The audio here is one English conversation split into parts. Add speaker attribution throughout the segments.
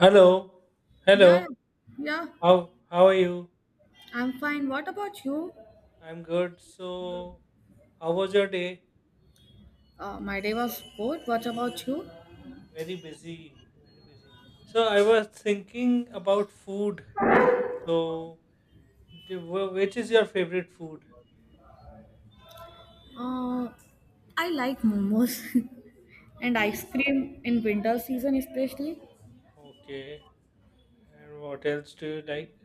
Speaker 1: Hello,
Speaker 2: Yeah,
Speaker 1: hello.
Speaker 2: yeah, yeah.
Speaker 1: How are you?
Speaker 2: I'm fine. What about you?
Speaker 1: I'm good. So, how was your day?
Speaker 2: My day was good. What about you?
Speaker 1: Very busy, very busy. So, I was thinking about food. So, which is your favorite food?
Speaker 2: Uh, I like momos and ice
Speaker 1: Okay.
Speaker 2: cream in winter season, especially.
Speaker 1: Okay. And what else do you like?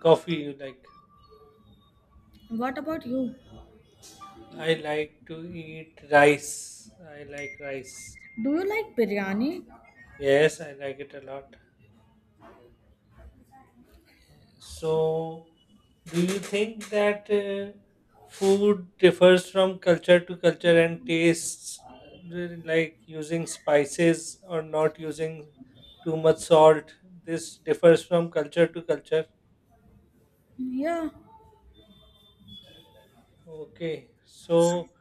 Speaker 1: Coffee you like?
Speaker 2: What about you?
Speaker 1: I like to eat rice. I like rice.
Speaker 2: Do you like biryani?
Speaker 1: Yes, I like it a lot. So, do you think that food differs from culture to culture and tastes, really like using spices or not using too much salt? This differs from culture to culture.
Speaker 2: Yeah,
Speaker 1: Okay. So,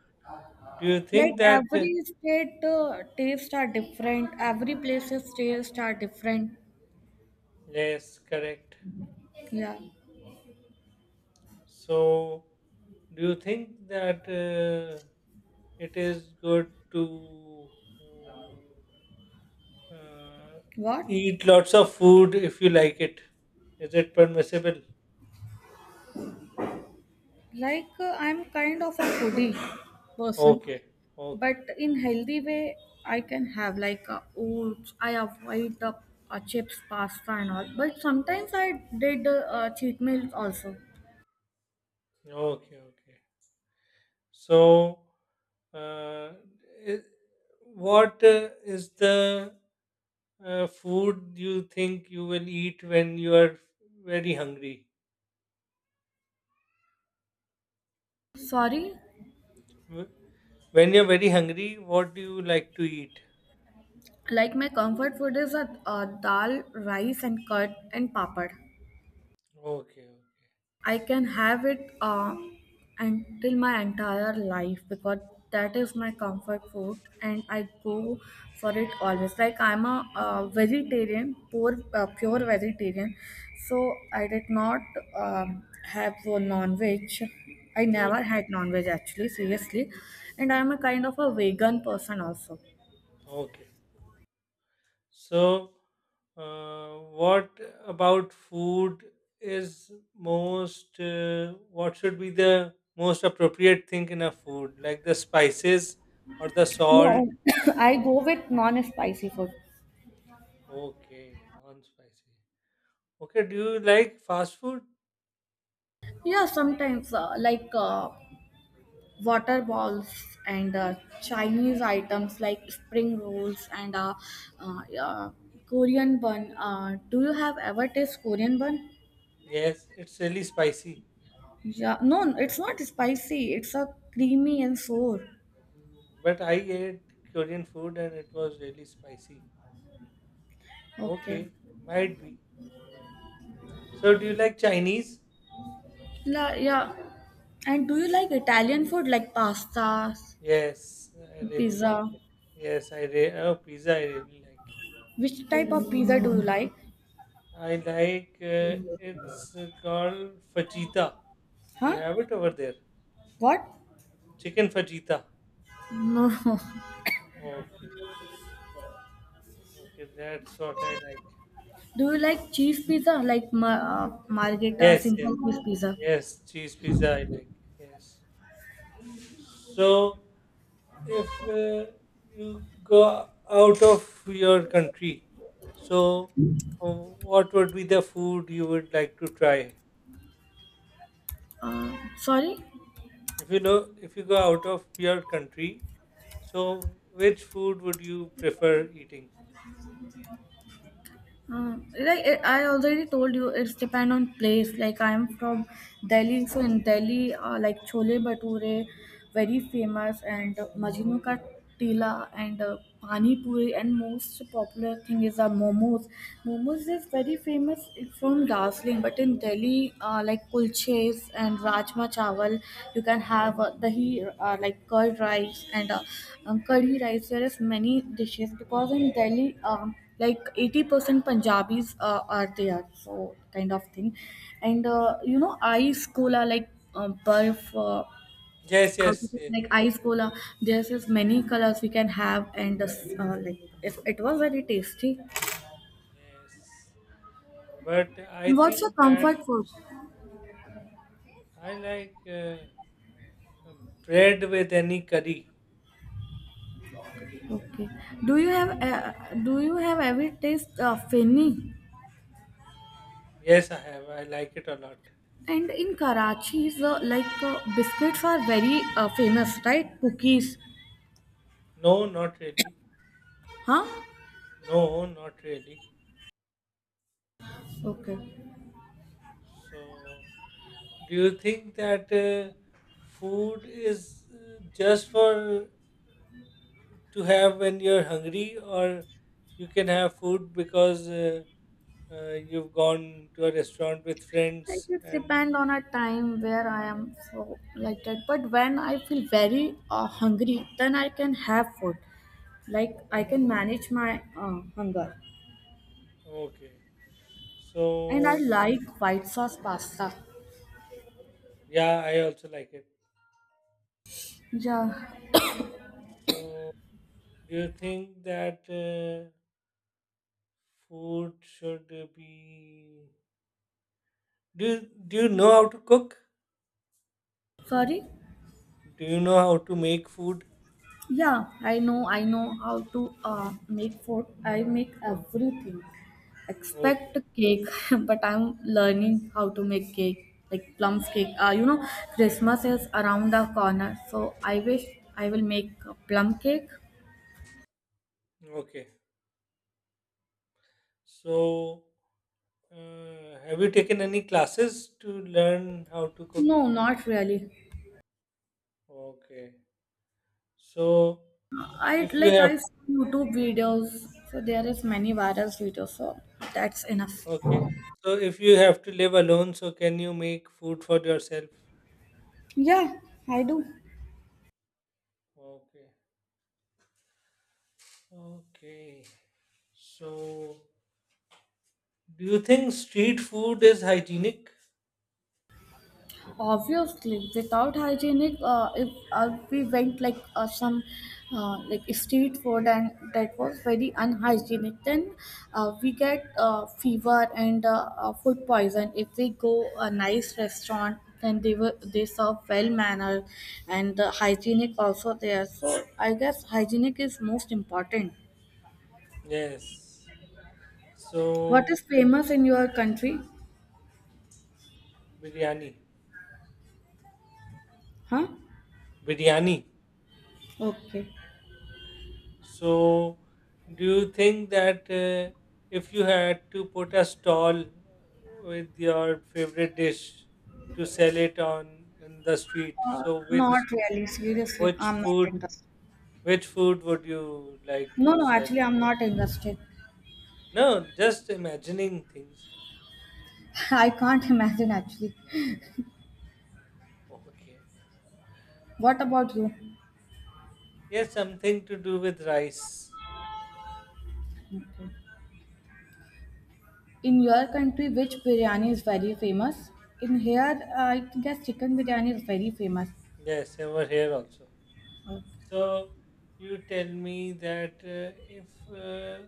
Speaker 1: do you
Speaker 2: like
Speaker 1: think that?
Speaker 2: every state tastes are different. Every place's tastes are different.
Speaker 1: Yes, correct.
Speaker 2: Yeah.
Speaker 1: So, do you think that it is good to uh, uh,
Speaker 2: What?
Speaker 1: eat lots of food if you like it? Is it permissible?
Speaker 2: Like I'm kind of a foodie person,
Speaker 1: Okay, okay,
Speaker 2: but in healthy way I can have like oats. I avoid the chips, pasta and all, but sometimes I did cheat meals also.
Speaker 1: okay, okay. So, uh, i- what is the food you think you will eat when you are very hungry?
Speaker 2: Sorry,
Speaker 1: When you're very hungry, what do you like to eat?
Speaker 2: like my comfort food is a dal rice and curd and papad.
Speaker 1: Okay.
Speaker 2: I can have it until my entire life because that is my comfort food and I go for it always. Like I'm a, vegetarian, poor, pure vegetarian, so I did not have a non-veg. I
Speaker 1: Okay.
Speaker 2: never had non-veg actually, seriously, and I'm a kind of a vegan person also.
Speaker 1: Okay. So, uh, what about food is most, what should be the most appropriate thing in a food? Like the spices or the salt?
Speaker 2: No, I go with non-spicy food.
Speaker 1: Okay. Non spicy. Okay. Do you like fast food?
Speaker 2: Yeah, sometimes like water balls and Chinese items like spring rolls and uh, uh, Korean bun. Do you have ever tasted Korean bun?
Speaker 1: Yes. It's really spicy.
Speaker 2: Yeah, no, it's not spicy. It's a creamy and sour.
Speaker 1: But I ate Korean food and it was really spicy.
Speaker 2: Okay.
Speaker 1: Okay. Might be. Mm. So, do you like Chinese?
Speaker 2: La, yeah. And do you like Italian food like pasta,
Speaker 1: Yes, I really like
Speaker 2: pizza?
Speaker 1: it. Yes, oh pizza. I really like.
Speaker 2: Which type of pizza do you like?
Speaker 1: I like. It's called fajita. Do you
Speaker 2: Huh?
Speaker 1: have it over there?
Speaker 2: What?
Speaker 1: Chicken fajita.
Speaker 2: No.
Speaker 1: Okay, okay, that's what I like.
Speaker 2: Do you like cheese pizza like margherita,
Speaker 1: Yes, yes,
Speaker 2: simple cheese pizza?
Speaker 1: yes. Cheese pizza. I like. Yes. So, if you go out of your country, so what would be the food you would like to try?
Speaker 2: Sorry?
Speaker 1: If you know, if you go out of your country, so which food would you prefer eating?
Speaker 2: Like I already told you, it's depend on place. Like I'm from Delhi, so in Delhi, like chole bhature, very famous, and Majnu ka tila and pani puri, and most popular thing is momos. Momos is very famous from Darjeeling, but in Delhi, like kulches and rajma chawal, you can have dahi like curd rice and curry rice. There is many dishes because in Delhi. Like 80% Punjabis are there, so kind of thing. And you know, ice cola, like barf,
Speaker 1: Yes,
Speaker 2: how to
Speaker 1: yes,
Speaker 2: say,
Speaker 1: yes,
Speaker 2: like
Speaker 1: yes.
Speaker 2: ice cola, there's just many colors we can have, and like if it was very tasty.
Speaker 1: Yes. But I
Speaker 2: And what's your
Speaker 1: think that
Speaker 2: comfort food?
Speaker 1: I like um, bread with any curry.
Speaker 2: Okay. Do you have uh, do you have ever taste feni?
Speaker 1: Yes, I have. I like it a lot.
Speaker 2: And in Karachi, is like biscuits are very famous, right? Cookies,
Speaker 1: No, not really.
Speaker 2: huh?
Speaker 1: No, not really.
Speaker 2: Okay.
Speaker 1: So, do you think that food is just for to have when you're hungry, or you can have food because you've gone to a restaurant with
Speaker 2: I
Speaker 1: friends.
Speaker 2: just
Speaker 1: And
Speaker 2: depend on a time where I am so like that. But when I feel very hungry, then I can have food. Like I can manage my hunger,
Speaker 1: okay,
Speaker 2: and I
Speaker 1: so
Speaker 2: like white sauce pasta.
Speaker 1: yeah, I also like it.
Speaker 2: Yeah.
Speaker 1: So, do you think that food should be? Do you know how to cook?
Speaker 2: Sorry.
Speaker 1: Do you know how to make food?
Speaker 2: Yeah, I know how to make food. I make everything except
Speaker 1: Okay,
Speaker 2: cake, but I'm learning how to make cake, like plum cake. You know, Christmas is around the corner, so I wish I will make a plum cake.
Speaker 1: okay. So, have you taken any classes to learn how to cook?
Speaker 2: No, not really.
Speaker 1: Okay. So,
Speaker 2: I
Speaker 1: if you
Speaker 2: like
Speaker 1: have
Speaker 2: I see YouTube videos, so there is many viral videos, so that's enough.
Speaker 1: okay, so if you have to live alone, so can you make food for yourself?
Speaker 2: Yeah, I do.
Speaker 1: Okay. Okay. So, do you think street food is hygienic?
Speaker 2: Obviously, without hygienic, if we went like some like street food and that was very unhygienic, then we get fever and food poison. If we go a nice restaurant, then they serve well mannered and hygienic also there. So I guess hygienic is most important.
Speaker 1: Yes.
Speaker 2: What is
Speaker 1: So,
Speaker 2: famous in your country?
Speaker 1: biryani.
Speaker 2: Huh?
Speaker 1: Biryani.
Speaker 2: Okay.
Speaker 1: So, do you think that if you had to put a stall with your favorite dish to sell it on in the street,
Speaker 2: Uh,
Speaker 1: so
Speaker 2: Not really. Seriously,
Speaker 1: which
Speaker 2: I'm not
Speaker 1: food
Speaker 2: interested.
Speaker 1: Which food would you like to
Speaker 2: No, no,
Speaker 1: sell?
Speaker 2: actually, I'm not interested.
Speaker 1: No, just imagining things.
Speaker 2: I can't imagine actually.
Speaker 1: Okay.
Speaker 2: What about you?
Speaker 1: Yes, something to do with rice.
Speaker 2: Okay. In your country, which biryani is very famous? In here, I guess chicken biryani is very famous.
Speaker 1: Yes, over here also.
Speaker 2: Okay.
Speaker 1: So you tell me that if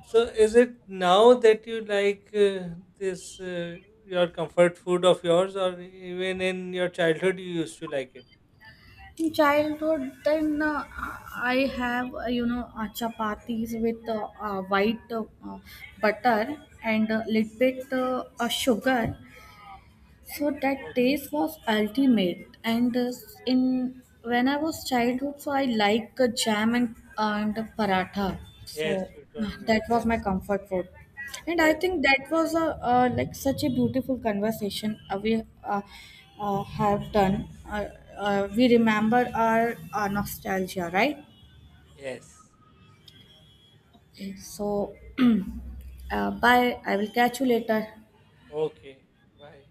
Speaker 1: so, is it now that you like this your comfort food of yours, or even in your childhood you used to like it?
Speaker 2: In childhood, then I have you know chapatis with white butter and a little bit sugar. So that
Speaker 1: Okay.
Speaker 2: taste was ultimate, and in when I was childhood, so I like jam and paratha. So
Speaker 1: Yes, you told me.
Speaker 2: that was
Speaker 1: Yes,
Speaker 2: my comfort food, and I
Speaker 1: yes,
Speaker 2: think that was a like such a beautiful conversation we have done. We remember our nostalgia, right?
Speaker 1: yes. So,
Speaker 2: So, bye. I will catch you later.
Speaker 1: okay. Bye.